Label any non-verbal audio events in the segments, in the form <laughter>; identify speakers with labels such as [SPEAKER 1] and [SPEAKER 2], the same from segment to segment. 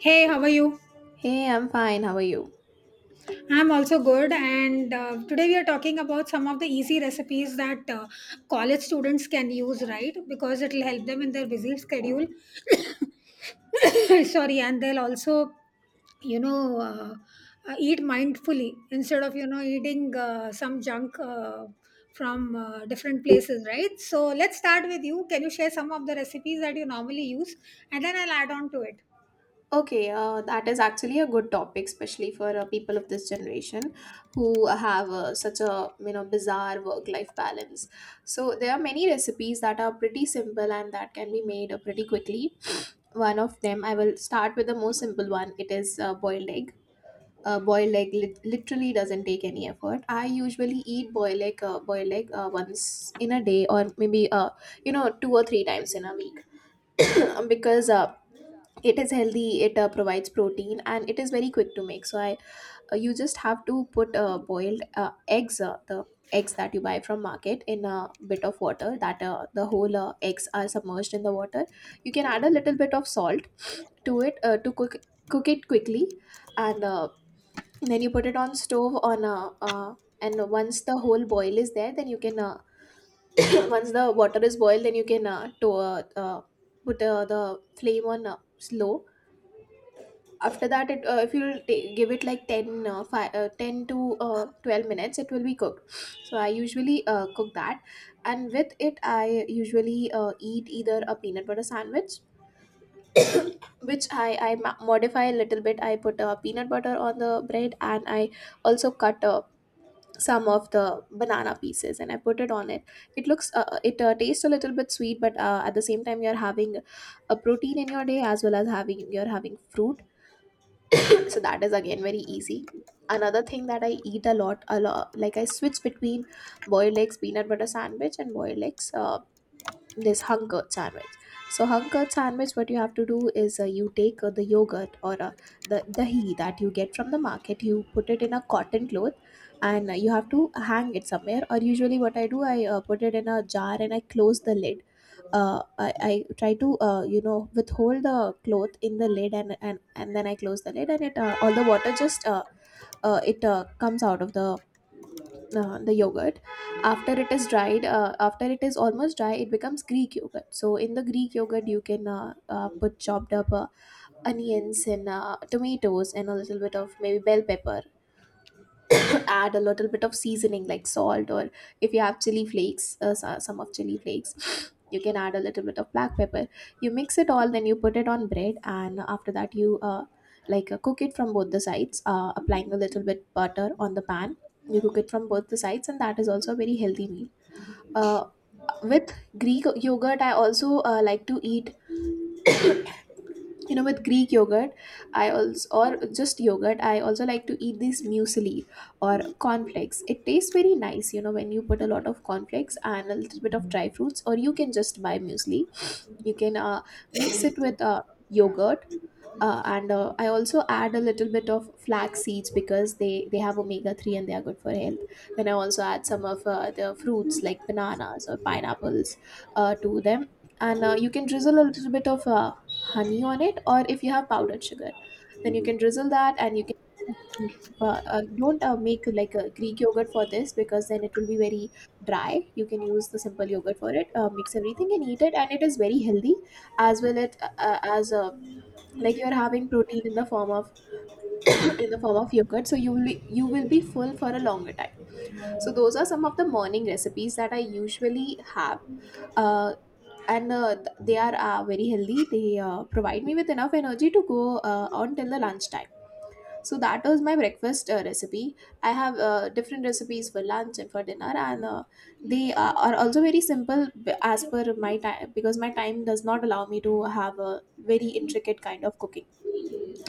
[SPEAKER 1] Hey, how are you?
[SPEAKER 2] Hey, I'm fine. How are you?
[SPEAKER 1] I'm also good, and today we are talking about some of the easy recipes that college students can use, right? Because it'll help them in their busy schedule. <coughs> Sorry, and they'll also, you know, uh, eat mindfully instead of, eating some junk from different places, right? So let's start with you. Can you share some of the recipes that you normally use? And then I'll add on to it.
[SPEAKER 2] Okay, that is actually a good topic, especially for people of this generation who have such a bizarre work-life balance. So there are many recipes that are pretty simple and that can be made pretty quickly. One of them, I will start with the most simple one. It is boiled egg. Boiled egg literally doesn't take any effort. I usually eat boiled egg once in a day, or maybe two or three times in a week, <coughs> <clears throat> because it is healthy, it provides protein and it is very quick to make. So I You just have to put boiled eggs, the eggs that you buy from market in a bit of water, that the whole eggs are submerged in the water. You can add a little bit of salt to it to cook cook it quickly. And then you put it on stove on a uh, and once the whole boil is there, then you can <coughs> <clears throat> once the water is boiled, then you can put the flame on slow. After that, it if you give it like 10 10 to 12 minutes, it will be cooked. So I usually cook that, and with it I usually eat either a peanut butter sandwich, which I modify a little bit. I put peanut butter on the bread and I also cut some of the banana pieces and I put it on it. It looks it tastes a little bit sweet, but at the same time you're having a protein in your day, as well as having you're having fruit. <coughs> So that is again very easy. Another thing that I eat a lot, like I switch between boiled eggs, peanut butter sandwich, and boiled eggs, this hung curd sandwich. So hung curd sandwich, what you have to do is you take the yogurt, or the dahi that you get from the market, you put it in a cotton cloth, and you have to hang it somewhere. Or usually what I do, I put it in a jar and I close the lid. I try to withhold the cloth in the lid, and then I close the lid, and it all the water just it comes out of the yogurt. After it is dried, after it is almost dry, it becomes Greek yogurt. So in the Greek yogurt you can put chopped up onions and tomatoes and a little bit of maybe bell pepper. Add a little bit of seasoning like salt, or if you have chili flakes, some of chili flakes, <sniffs> you can add a little bit of black pepper. You mix it all, then you put it on bread, and after that you cook it from both the sides, applying a little bit butter on the pan. You cook it from both the sides, and that is also a very healthy meal. uh, with Greek yogurt I also like to eat, with Greek yogurt I also, or just yogurt, I also like to eat this muesli or cornflakes. It tastes very nice, you know, when you put a lot of cornflakes and a little bit of dry fruits, or you can just buy muesli. You can mix it with yogurt, and I also add a little bit of flax seeds because they have omega 3, and they are good for health. Then I also add some of the fruits like bananas or pineapples to them. And you can drizzle a little bit of honey on it, or if you have powdered sugar, then you can drizzle that. And you can don't make like a Greek yogurt for this, because then it will be very dry. You can use the simple yogurt for it, mix everything and eat it, and it is very healthy as well. It As a, like, you're having protein in the form of <coughs> in the form of yogurt, so you will be full for a longer time. So those are some of the morning recipes that I usually have. uh, they are very healthy, they provide me with enough energy to go on till the lunchtime. So that was my breakfast recipe. I have different recipes for lunch and for dinner, and are also very simple, as per my time, because my time does not allow me to have a very intricate kind of cooking.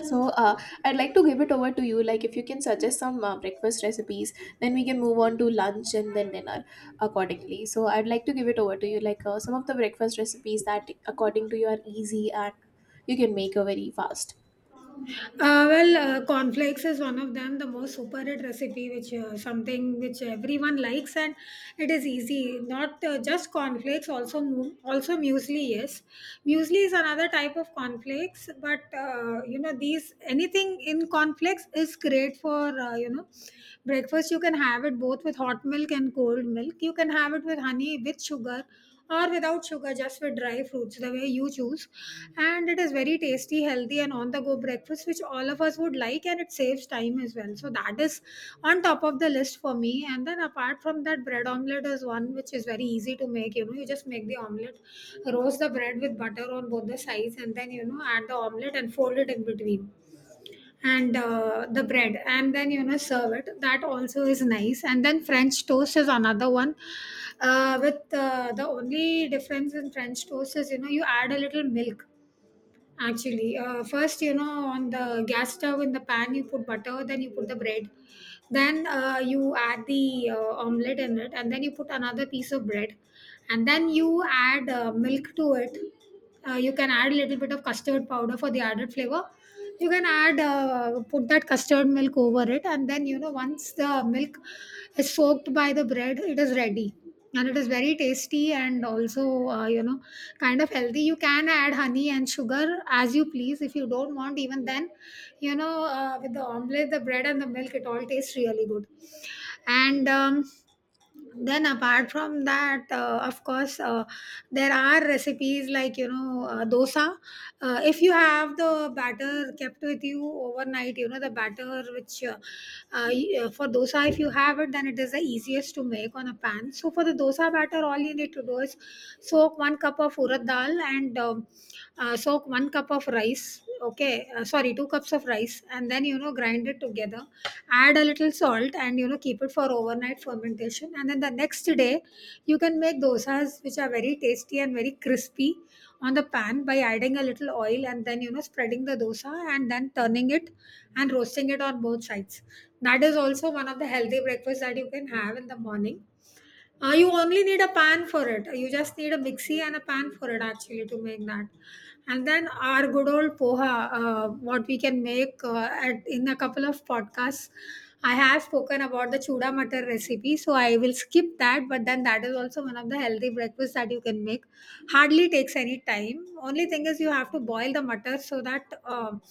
[SPEAKER 2] So I'd like to give it over to you. Like, if you can suggest some breakfast recipes, then we can move on to lunch and then dinner accordingly. So I'd like to give it over to you. Like some of the breakfast recipes that according to you are easy and you can make a very fast.
[SPEAKER 1] Well, cornflakes is one of them, the most superhit recipe, which something which everyone likes, and it is easy. Not just cornflakes, also also muesli. Yes, muesli is another type of cornflakes, but you know these anything in cornflakes is great for you know breakfast. You can have it both with hot milk and cold milk. You can have it with honey, with sugar, or without sugar, just with dry fruits, the way you choose. And it is very tasty, healthy, and on the go breakfast, which all of us would like, and it saves time as well. So, that is on top of the list for me. And then, apart from that, bread omelette is one which is very easy to make. You know, you just make the omelette, roast the bread with butter on both the sides, and then, you know, add the omelette and fold it in between and the bread, and then you know serve it. That also is nice. And then french toast is another one with the only difference in french toast is, you know, you add a little milk. Actually, first, you know, on the gas stove in the pan you put butter, then you put the bread, then you add the omelette in it, and then you put another piece of bread, and then you add milk to it. You can add a little bit of custard powder for the added flavor. You can add, put that custard milk over it, and then you know once the milk is soaked by the bread, it is ready, and it is very tasty and also, you know, kind of healthy. You can add honey and sugar as you please. If you don't want, even then, you know, with the omelette, the bread and the milk, it all tastes really good. And then apart from that, of course, there are recipes like, you know, dosa. If you have the batter kept with you overnight, you know the batter which for dosa, if you have it, then it is the easiest to make on a pan. So for the dosa batter, all you need to do is soak one cup of urad dal, and soak one cup of rice. Okay, sorry, two cups of rice, and then you know grind it together, add a little salt, and you know keep it for overnight fermentation, and then the next day you can make dosas which are very tasty and very crispy on the pan by adding a little oil and then you know spreading the dosa and then turning it and roasting it on both sides. That is also one of the healthy breakfasts that you can have in the morning. You only need a pan for it. You just need a mixie and a pan for it actually to make that. And then our good old poha. What we can make, in a couple of podcasts I have spoken about the chuda matar recipe, so I will skip that. But then that is also one of the healthy breakfasts that you can make. Hardly takes any time. Only thing is you have to boil the matar, so that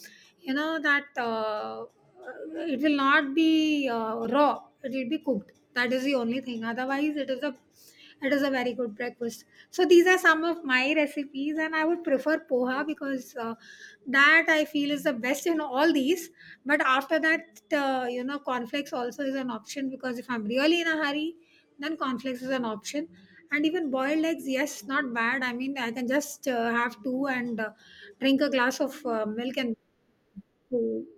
[SPEAKER 1] you know that it will not be raw, it will be cooked. That is the only thing. Otherwise it is a, it is a very good breakfast. So these are some of my recipes, and I would prefer poha because that I feel is the best in all these. But after that, you know, cornflakes also is an option, because if I'm really in a hurry, then cornflakes is an option. And even boiled eggs, yes, not bad. I mean, I can just have two and drink a glass of milk, and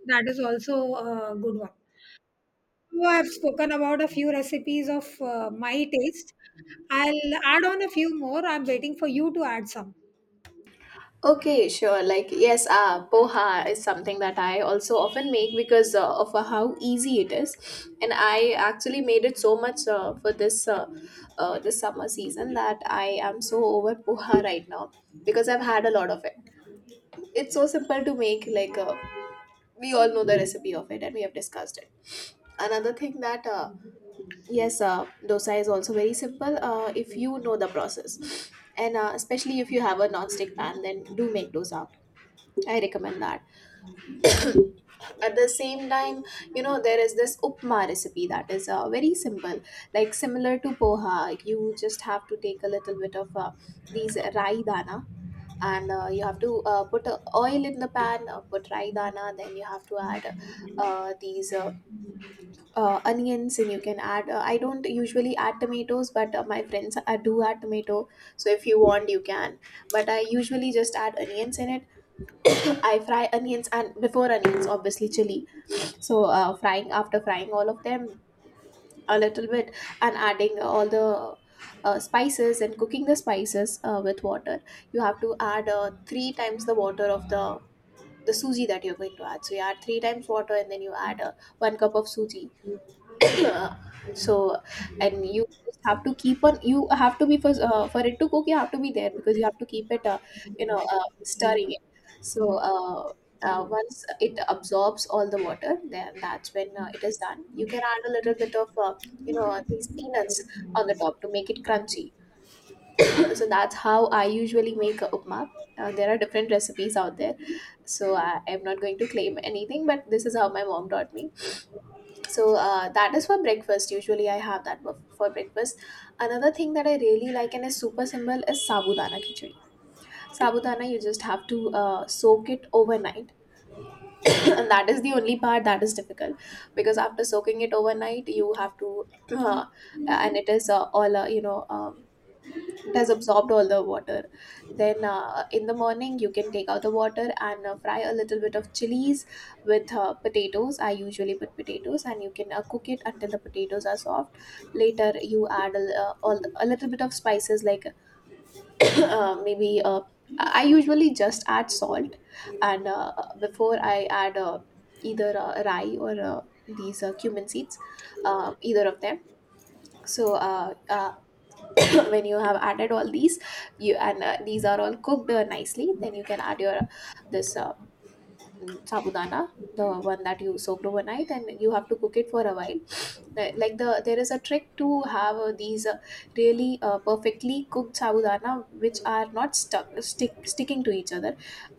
[SPEAKER 1] that is also a good one. So I've spoken about a few recipes of my taste. I'll add on a few more. I'm waiting for you to add some.
[SPEAKER 2] Okay, sure. Like, yes, poha is something that I also often make because of how easy it is, and I actually made it so much for this summer season, that I am so over poha right now because I've had a lot of it. It's so simple to make, like we all know the recipe of it and we have discussed it. Another thing that yes, dosa is also very simple if you know the process. And especially if you have a non-stick pan, then do make dosa. I recommend that. At the same time, you know, there is this upma recipe that is very simple, like similar to poha. Like, you just have to take a little bit of these rai dana, and you have to put oil in the pan, put raidana, then you have to add these onions. And you can add, I don't usually add tomatoes, but my friends do add tomato, so if you want, you can. But I usually just add onions in it. <coughs> I fry onions, and before onions obviously chili. So frying after frying all of them a little bit, and adding all the spices and cooking the spices with water. You have to add three times the water of the suji that you're going to add. So you add three times water and then you add one cup of suji. uh, so and you just have to keep on, you have to be for it to cook you have to be there because you have to keep it stirring it. So once it absorbs all the water, then that's when it is done. You can add a little bit of these peanuts on the top to make it crunchy. <coughs> <clears throat> So that's how I usually make a upma. There are different recipes out there, so I'm not going to claim anything, but this is how my mom taught me. So that is for breakfast. Usually I have that for breakfast. Another thing that I really like and is super simple is sabudana khichdi. Sabudana, you just have to soak it overnight. <coughs> <clears throat> And that is the only part that is difficult, because after soaking it overnight, you have to uh, and it is all, it has absorbed all the water. Then in the morning you can take out the water and fry a little bit of chilies with potatoes. I usually put potatoes, and you can cook it until the potatoes are soft. Later you add a little bit of spices like <coughs> maybe I usually just add salt. And uh, before i add uh, either rye or these cumin seeds, either of them. So <laughs> <coughs> when you have added all these, you and these are all cooked nicely, then you can add your this uh, sabudana, the one that you soaked overnight, and you have to cook it for a while. There is a trick to have these really perfectly cooked sabudana, which are not stuck stick sticking to each other.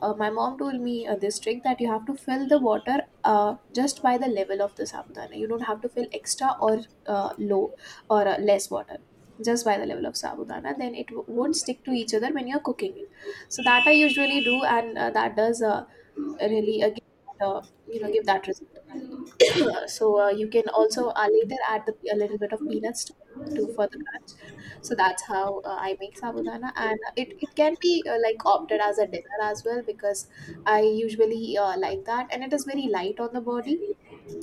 [SPEAKER 2] My mom told me this trick, that you have to fill the water just by the level of the sabudana. You don't have to fill extra or low or less water, just by the level of sabudana. Then won't stick to each other when you're cooking it. So that I usually do, and that does really give, you know give that result. <clears throat> So you can also later add a little bit of peanuts to it to for the crunch. So that's how I make sabudana, and it can be like opted as a dinner as well, because I usually like that, and it is very light on the body.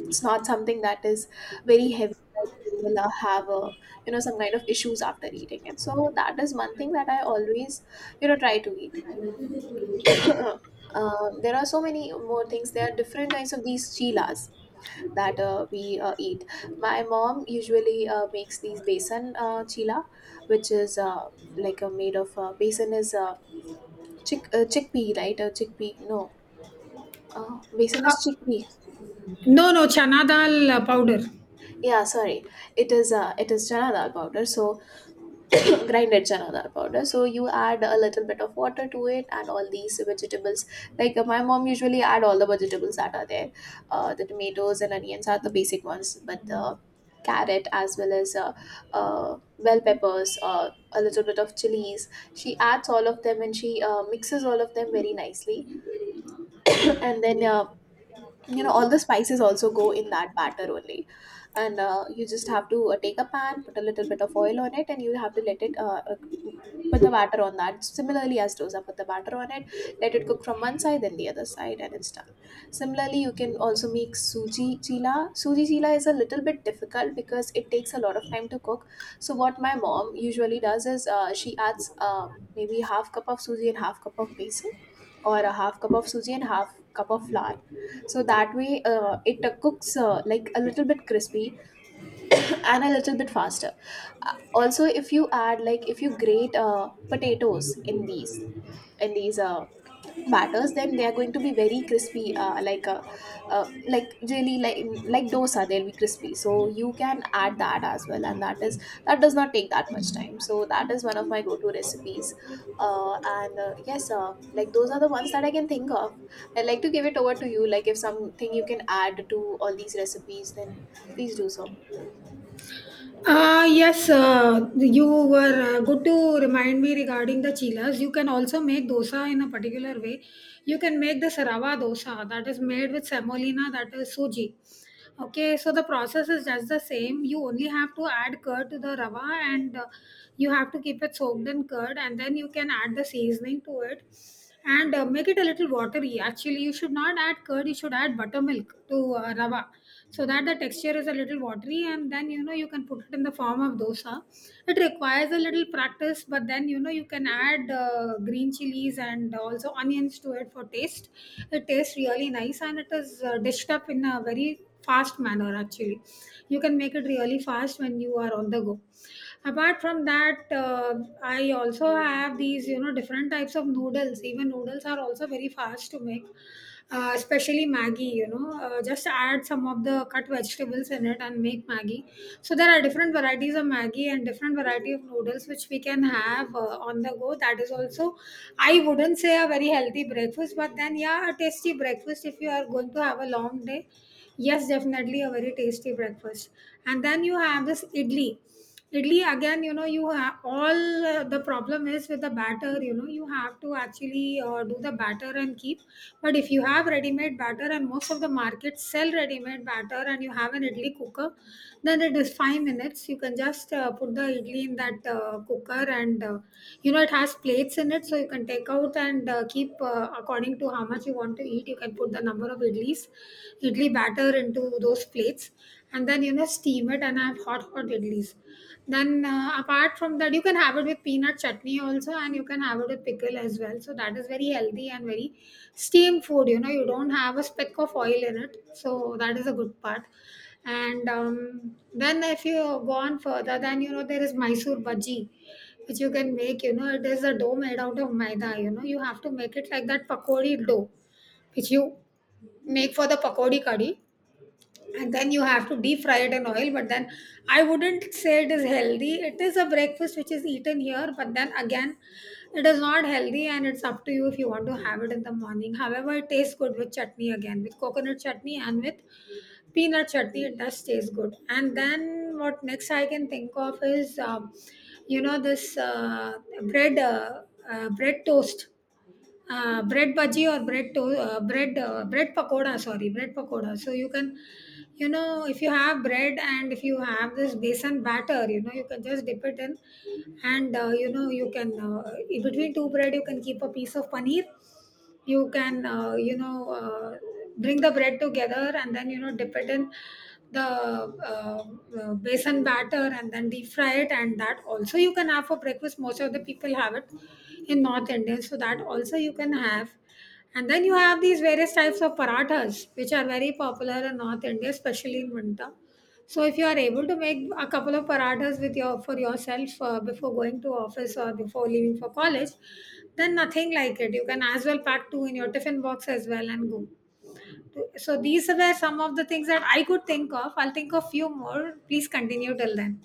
[SPEAKER 2] It's not something that is very heavy, or you will have some kind of issues after eating it. So that is one thing that I always try to eat. <coughs> <clears throat> There are so many more things. There are different kinds of these chilas that we eat. My mom usually makes these besan chila, which is like made of besan. Is chickpea, right? Chickpea, no. Besan
[SPEAKER 1] Uh,
[SPEAKER 2] is chickpea.
[SPEAKER 1] no, no, chana dal powder.
[SPEAKER 2] Yeah, sorry. It is chana dal powder. So <coughs> grinded chana dal powder, so you add a little bit of water to it and all these vegetables. Like, my mom usually add all the vegetables that are there, the tomatoes and onions are the basic ones, but the carrot as well as uh, bell peppers, a little bit of chilies. She adds all of them, and she mixes all of them very nicely. <coughs> And then all the spices also go in that batter only. And you just have to take a pan, put a little bit of oil on it, and you have to let it put the batter on that, similarly as dosa, put the batter on it. Let it cook from one side, then the other side, and it's done. Similarly, you can also make suji chila. Suji chila is a little bit difficult because it takes a lot of time to cook. So what my mom usually does is, she adds, maybe half cup of suji and half cup of besan, or a half cup of suji and half cup of flour. So that way, it cooks, like, a little bit crispy <coughs> and a little bit faster. Also, if you add, like, if you grate potatoes in these in these uh, batters, then they are going to be very crispy, like a, like really like dosa, they'll be crispy. So you can add that as well, and that does not take that much time. So that is one of my go-to recipes. And yes, like, those are the ones that I can think of. I'd like to give it over to you, like, if something you can add to all these recipes, then please do so.
[SPEAKER 1] Ah, yes, you were good to remind me regarding the chilas. You can also make dosa in a particular way. You can make the sarava dosa that is made with semolina, that is suji. Okay, so the process is just the same. You only have to add curd to the rava, and you have to keep it soaked in curd, and then you can add the seasoning to it and make it a little watery. Actually, you should not add curd, you should add buttermilk to rava, so that the texture is a little watery, and then you know you can put it in the form of dosa. It requires a little practice, but then you know you can add green chilies and also onions to it for taste. It tastes really nice, and it is dished up in a very fast manner. Actually, you can make it really fast when you are on the go. Apart from that, I also have these, you know, different types of noodles. Even noodles are also very fast to make. Especially maggi, you know, just add some of the cut vegetables in it and make maggi. So there are different varieties of maggi and different variety of noodles which we can have on the go. That is also, I wouldn't say a very healthy breakfast, but then yeah, a tasty breakfast if you are going to have a long day. Yes, definitely a very tasty breakfast. And then you have this idli. Idli again, you know, you have all, the problem is with the batter. You know, you have to actually do the batter and keep. But if you have ready made batter, and most of the markets sell ready made batter, and you have an idli cooker, then it is 5 minutes. You can just put the idli in that cooker, and you know it has plates in it, so you can take out and keep according to how much you want to eat. You can put the number of idlis, idli batter into those plates, and then you know steam it and have hot hot idlis. Then apart from that, you can have it with peanut chutney also, and you can have it with pickle as well. So that is very healthy and very steamed food. You know, you don't have a speck of oil in it, so that is a good part. And then if you go on further, then you know there is mysore bhaji, which you can make. You know, it is a dough made out of maida. You know, you have to make it like that pakodi dough, which you make for the pakodi curry, and then you have to deep fry it in oil. But then I wouldn't say it is healthy. It is a breakfast which is eaten here, but then again it is not healthy, and it's up to you if you want to have it in the morning. However, it tastes good with chutney, again with coconut chutney, and with peanut chutney it does taste good. And then what next I can think of is, you know, this bread bread toast bread bhaji or bread to- bread bread pakoda, sorry, bread pakoda. So you can, you know, if you have bread and if you have this besan batter, you know, you can just dip it in, and you know you can, in between two bread you can keep a piece of paneer. You can, you know, bring the bread together, and then you know dip it in the basin batter and then deep fry it. And that also you can have for breakfast. Most of the people have it in north india, so that also you can have. And then you have these various types of parathas which are very popular in north india, especially in winter. So if you are able to make a couple of parathas with your, for yourself, before going to office or before leaving for college, then nothing like it. You can as well pack two in your tiffin box as well and go. So these were some of the things that I could think of. I'll think of few more. Please continue till then.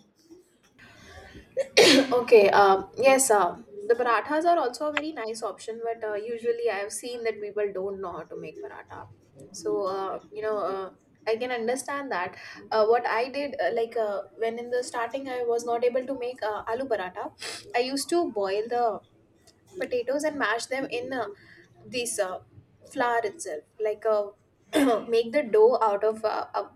[SPEAKER 2] <coughs> Okay, yes, the parathas are also a very nice option, but usually I have seen that people don't know how to make paratha. So, I can understand that. What I did, like, when in the starting I was not able to make aloo paratha, I used to boil the potatoes and mash them in this flour itself. Like, <clears throat>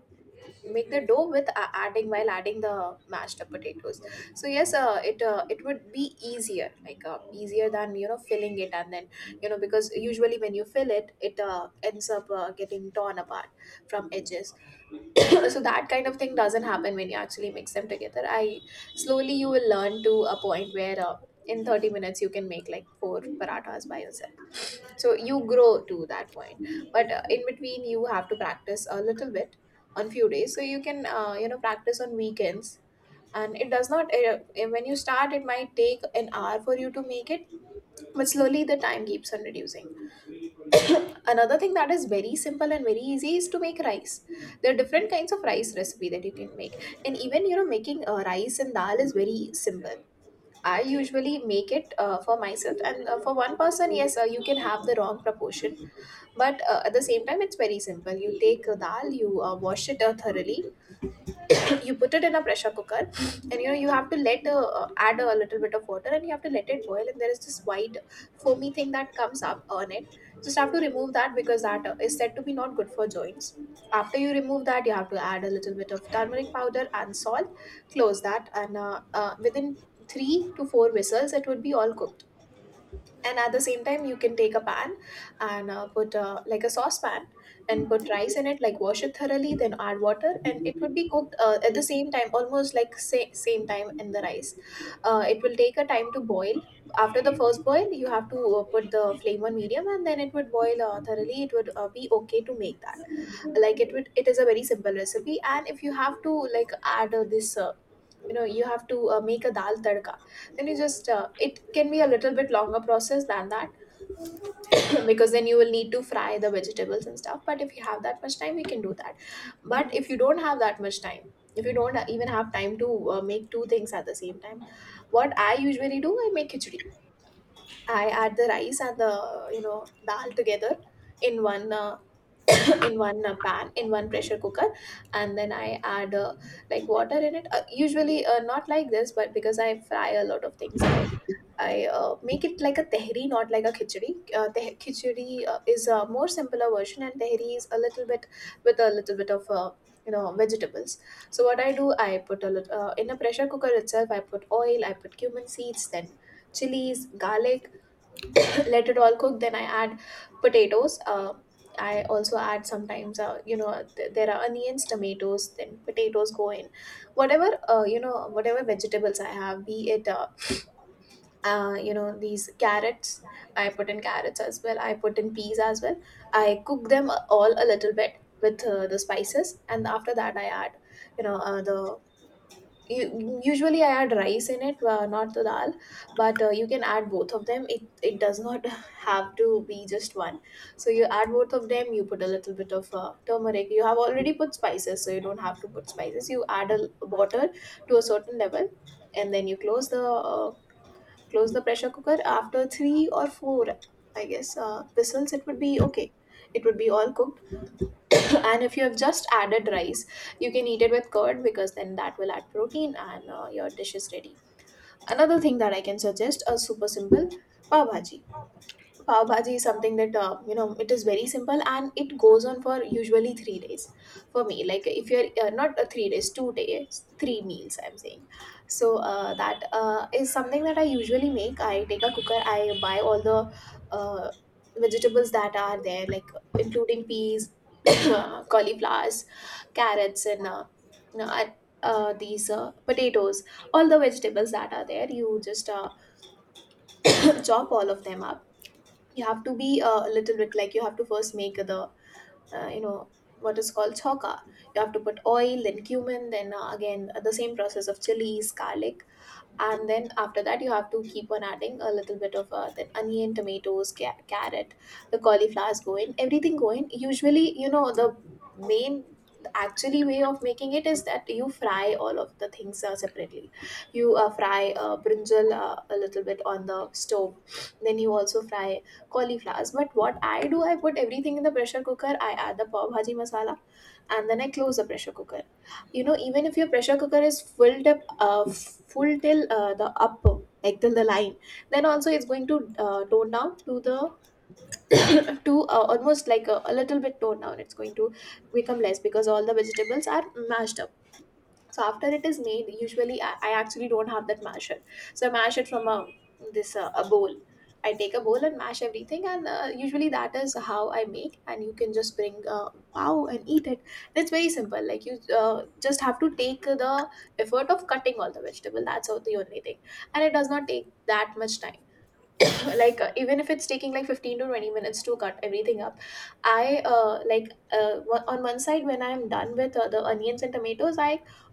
[SPEAKER 2] make the dough with, adding the mashed up potatoes. So yes, it would be easier, like, easier than, filling it. And then, because usually when you fill it, ends up getting torn apart from edges. <coughs> <clears throat> So that kind of thing doesn't happen when you actually mix them together. I Slowly you will learn to a point where, in 30 minutes you can make like four parathas by yourself. So you grow to that point, but in between you have to practice a little bit on few days, so you can practice on weekends. And it does not, when you start, it might take an hour for you to make it, but slowly the time keeps on reducing. Another thing that is very simple and very easy is to make rice. There are different kinds of rice recipe that you can make, and even, making rice and dal is very simple. I usually make it for myself, and for one person, yes, you can have the wrong proportion, but at the same time, it's very simple. You take dal, you wash it thoroughly, <coughs> <clears throat> you put it in a pressure cooker, and you have to, let add a little bit of water, and you have to let it boil, and there is this white foamy thing that comes up on it. Just have to remove that, because that is said to be not good for joints. After you remove that, you have to add a little bit of turmeric powder and salt, close that, and within three to four whistles it would be all cooked. And at the same time you can take a pan and put, like, a saucepan, and put rice in it, like, wash it thoroughly, then add water, and it would be cooked at the same time, almost like, same time in the rice. It will take a time to boil. After the first boil you have to put the flame on medium, and then it would boil thoroughly, it would be okay to make that. It is a very simple recipe. And if you have to, like, add this, you have to make a dal tadka, then you just it can be a little bit longer process than that. <clears throat> Because then you will need to fry the vegetables and stuff, but if you have that much time we can do that. But if you don't have that much time, if you don't even have time to make two things at the same time, what I usually do, I make khichdi. I add the rice and the, you know dal together in one <clears throat> in one pan, in one pressure cooker. And then I add, like, water in it, usually, not like this, but because I fry a lot of things, I make it like a tehri, not like a khichdi. Khichdi is a more simpler version, and tehri is a little bit, with a little bit of, vegetables. So what I do, I put a little in a pressure cooker itself. I put oil, I put cumin seeds, then chilies, garlic, <coughs> let it all cook. Then I add potatoes. I also add sometimes, there are onions, tomatoes, then potatoes go in, whatever you know whatever vegetables I have, be it, these carrots. I put in carrots as well, I put in peas as well, I cook them all a little bit with the spices. And after that I add, you know uh, the usually I add rice in it, not the dal, but you can add both of them. It does not <laughs> have to be just one. So you add both of them, you put a little bit of turmeric. You have already put spices, so you don't have to put spices. You add water to a certain level, and then you close the pressure cooker. After three or four, I guess, whistles, it would be okay. It would be all cooked. <coughs> And if you have just added rice, you can eat it with curd, because then that will add protein, and your dish is ready. Another thing that I can suggest is super simple: pav bhaji. Pav bhaji is something that, it is very simple, and it goes on for usually 3 days for me. Like, if you're not, 3 days, 2 days, three meals, I'm saying. So that is something that I usually make. I take a cooker. I buy all the uh, vegetables that are there, like, including peas, <coughs> cauliflowers, carrots, and, you know, and, these potatoes. All the vegetables that are there, you just <coughs> <clears throat> chop all of them up. You have to be a little bit like you have to first make the uh, you know what is called choka. You have to put oil, then cumin, then again, the same process of chilies, garlic, and then after that you have to keep on adding a little bit of then onion, tomatoes, carrot. The cauliflowers go in, everything go in. Usually, you know, the main, the actually way of making it is that you fry all of the things separately. You fry brinjal a little bit on the stove, then you also fry cauliflowers. But what I do, I put everything in the pressure cooker, I add the pav bhaji masala, and then I close the pressure cooker. You know, even if your pressure cooker is filled up full till the up, like till the line, then also it's going to tone down to the <coughs> to almost like a little bit tone down, it's going to become less because all the vegetables are mashed. So after it is made, usually I actually don't have that masher. So I mash it from a this a bowl. I take a bowl and mash everything, and usually that is how I make. And you can just bring a bow and eat it. It's very simple. Like you just have to take the effort of cutting all the vegetable. That's all, the only thing, and it does not take that much time. <laughs> Like even if it's taking like 15 to 20 minutes to cut everything up, I like, on one side when I'm done with the onions and tomatoes, I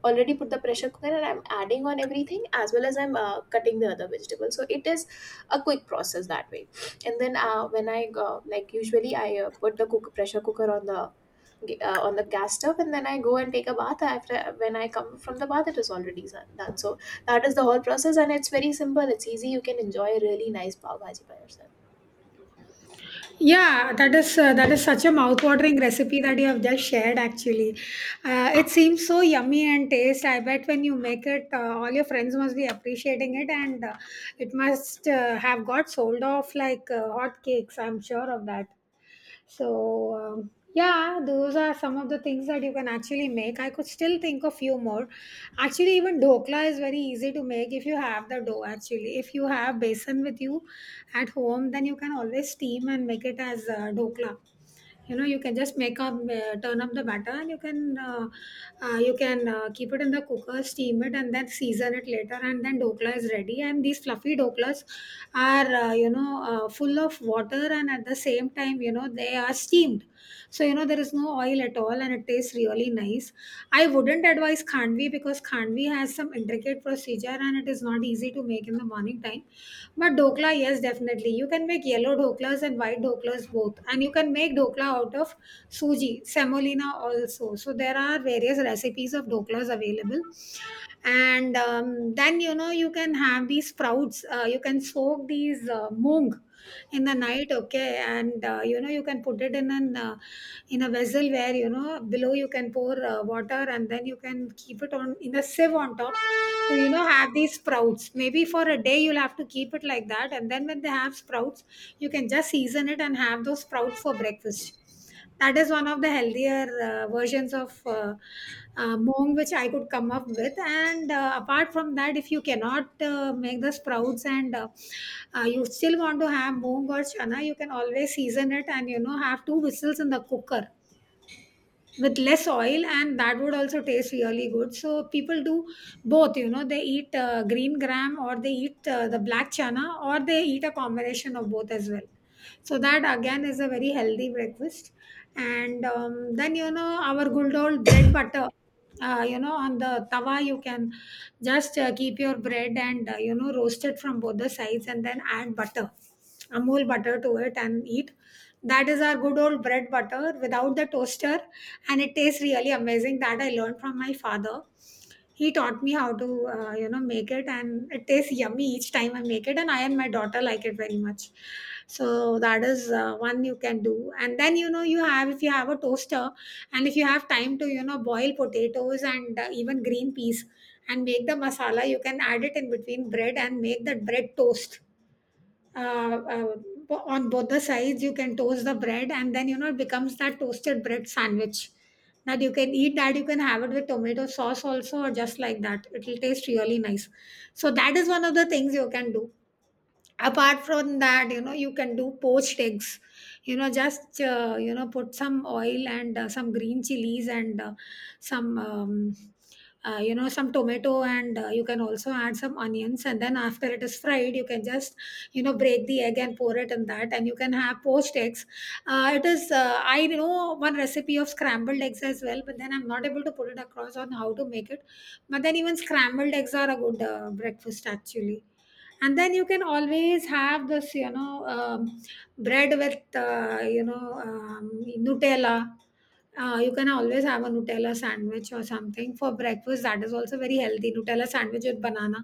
[SPEAKER 2] already put the pressure cooker and I'm adding on everything as well as I'm cutting the other vegetables, so it is a quick process that way. And then when I usually I put the pressure cooker on the on the gas stove, and then I go and take a bath. After, when I come from the bath, it is already done done. So that is the whole process, and it's very simple, it's easy, you can enjoy a really nice pav bhaji by yourself.
[SPEAKER 1] Yeah, that is such a mouth-watering recipe that you have just shared. Actually, it seems so yummy and taste. I bet when you make it, all your friends must be appreciating it, and it must have got sold off like hot cakes. I'm sure of that. So, yeah, those are some of the things that you can actually make. I could still think of few more. Actually, even dhokla is very easy to make if you have the dough. Actually, if you have besan with you at home, then you can always steam and make it as dhokla. You know, you can just make up turn up the batter and you can keep it in the cooker, steam it, and then season it later, and then dokla is ready. And these fluffy doklas are full of water, and at the same time, you know, they are steamed, so you know there is no oil at all and it tastes really nice. I wouldn't advise khandvi because khandvi has some intricate procedure and it is not easy to make in the morning time, but dokla, yes, definitely. You can make yellow doklas and white doklas both. And you can make dokla out of suji, semolina, also. So there are various recipes of doklas available. And then, you know, you can have these sprouts. You can soak these moong in the night, okay, and you know, you can put it in an in a vessel where, you know, below you can pour water, and then you can keep it on in a sieve on top to, you know, have these sprouts. Maybe for a day you'll have to keep it like that, and then when they have sprouts, you can just season it and have those sprouts for breakfast. That is one of the healthier versions of Moong which I could come up with. And apart from that, if you cannot make the sprouts, and you still want to have Moong or Chana, you can always season it and, you know, have two whistles in the cooker with less oil, and that would also taste really good. So people do both, you know. They eat green gram, or they eat the black chana, or they eat a combination of both as well. So that, again, is a very healthy breakfast. And then, you know, our good old bread butter. You know, on the tawa you can just keep your bread and, you know, roast it from both the sides and then add butter, amul butter, to it and eat. That is our good old bread butter without the toaster, and it tastes really amazing. That I learned from my father. He taught me how to, you know, make it, and it tastes yummy each time I make it, and I and my daughter like it very much. So that is one you can do. And then, you know, you have, if you have a toaster, and if you have time to, you know, boil potatoes and even green peas and make the masala, you can add it in between bread and make that bread toast. uh, uh, on both the sides you can toast the bread, and then, you know, it becomes that toasted bread sandwich that you can eat, that you can have it with tomato sauce also, or just like that, it will taste really nice. So that is one of the things you can do. Apart from that, you know, you can do poached eggs. You know, just you know, put some oil and some green chilies and some you know, some tomato, and you can also add some onions, and then after it is fried, you can just, you know, break the egg and pour it in that, and you can have poached eggs. It is I know one recipe of scrambled eggs as well, but then I'm not able to put it across on how to make it. But then even scrambled eggs are a good breakfast, actually. And then you can always have this, you know, bread with uh, you know um, nutella. You can always have a nutella sandwich or something for breakfast. That is also very healthy, nutella sandwich with banana.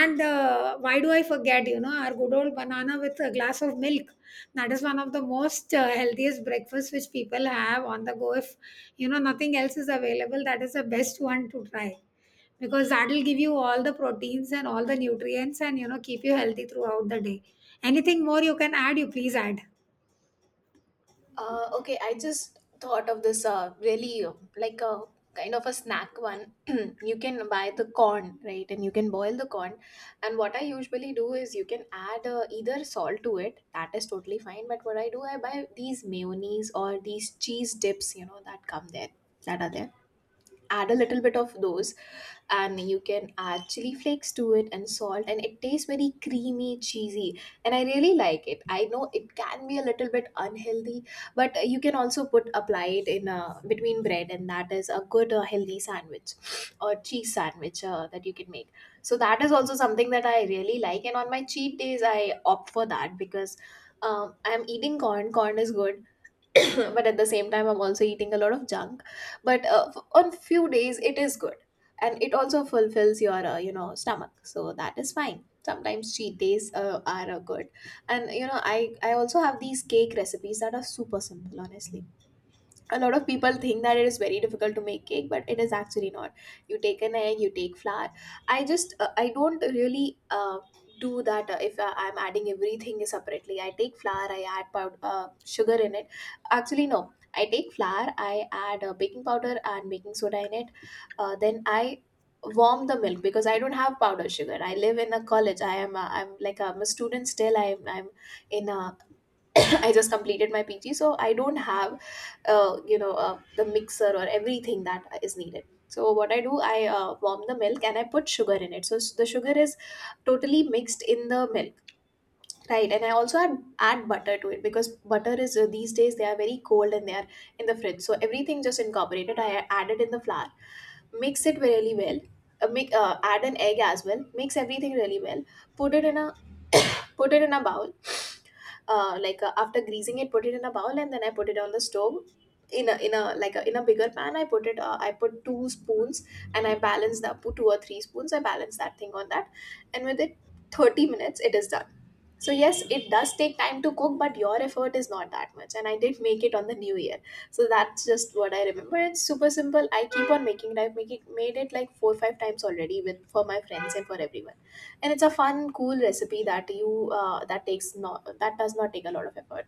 [SPEAKER 1] And why do I forget, you know, our good old banana with a glass of milk. That is one of the most healthiest breakfasts which people have on the go. If, you know, nothing else is available, that is the best one to try, because that will give you all the proteins and all the nutrients, and, you know, keep you healthy throughout the day. Anything more you can add, you please add.
[SPEAKER 2] Okay, I just thought of this really like a kind of a snack one. <clears throat> You can buy the corn, right, and you can boil the corn. And what I usually do is you can add either salt to it, that is totally fine. But what I do, I buy these mayonnaise or these cheese dips, you know, that come there, that are there. Add a little bit of those, and you can add chili flakes to it and salt, and it tastes very creamy, cheesy, and I really like it. I know it can be a little bit unhealthy, but you can also put apply it in between bread, and that is a good healthy sandwich or cheese sandwich that you can make. So that is also something that I really like, and on my cheat days I opt for that because I'm eating corn, corn is good. <coughs> <clears throat> But at the same time I'm also eating a lot of junk. But on few days it is good, and it also fulfills your stomach, so that is fine. Sometimes cheat days are good. And you know, I also have these cake recipes that are super simple, honestly. A lot of people think that it is very difficult to make cake, but it is actually not. You take an egg, you take flour. I just I don't really do that. If I'm adding everything separately, I take flour, I add powder, sugar in it. Actually no, I take flour, I add baking powder and baking soda in it. Then I warm the milk because I don't have powdered sugar. I live in a college, I am a student still, I'm in a <coughs> I just completed my PG, so I don't have, the mixer or everything that is needed. So what I do, I warm the milk and I put sugar in it. So the sugar is totally mixed in the milk, right? And I also add butter to it because butter is these days they are very cold and they are in the fridge. So everything just incorporated. I added in the flour, mix it really well. Make Add an egg as well. Mix everything really well. Put it in a bowl, like after greasing it, put it in a bowl, and then I put it on the stove in a like in a bigger pan. I put it I put two spoons and I balance that, put two or three spoons, I balance that thing on that, and with it 30 minutes it is done. So yes, it does take time to cook, but your effort is not that much, and I did make it on the New Year. So that's just what I remember. It's super simple, I keep on making it. I've made it like 4 5 times already with for my friends and for everyone, and it's a fun cool recipe that you that takes not, that does not take a lot of effort.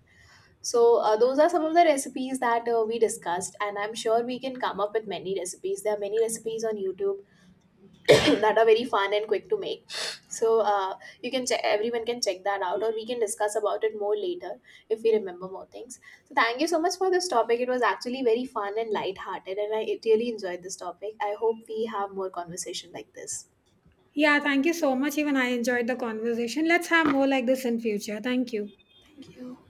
[SPEAKER 2] So those are some of the recipes that we discussed, and I'm sure we can come up with many recipes. There are many recipes on YouTube <coughs> <clears throat> that are very fun and quick to make. So you can check, everyone can check that out, or we can discuss about it more later if we remember more things. So thank you so much for this topic. It was actually very fun and light hearted, and I really enjoyed this topic. I hope we have more conversation like this.
[SPEAKER 1] Yeah, thank you so much, even I enjoyed the conversation. Let's have more like this in future. Thank you.
[SPEAKER 2] Thank you.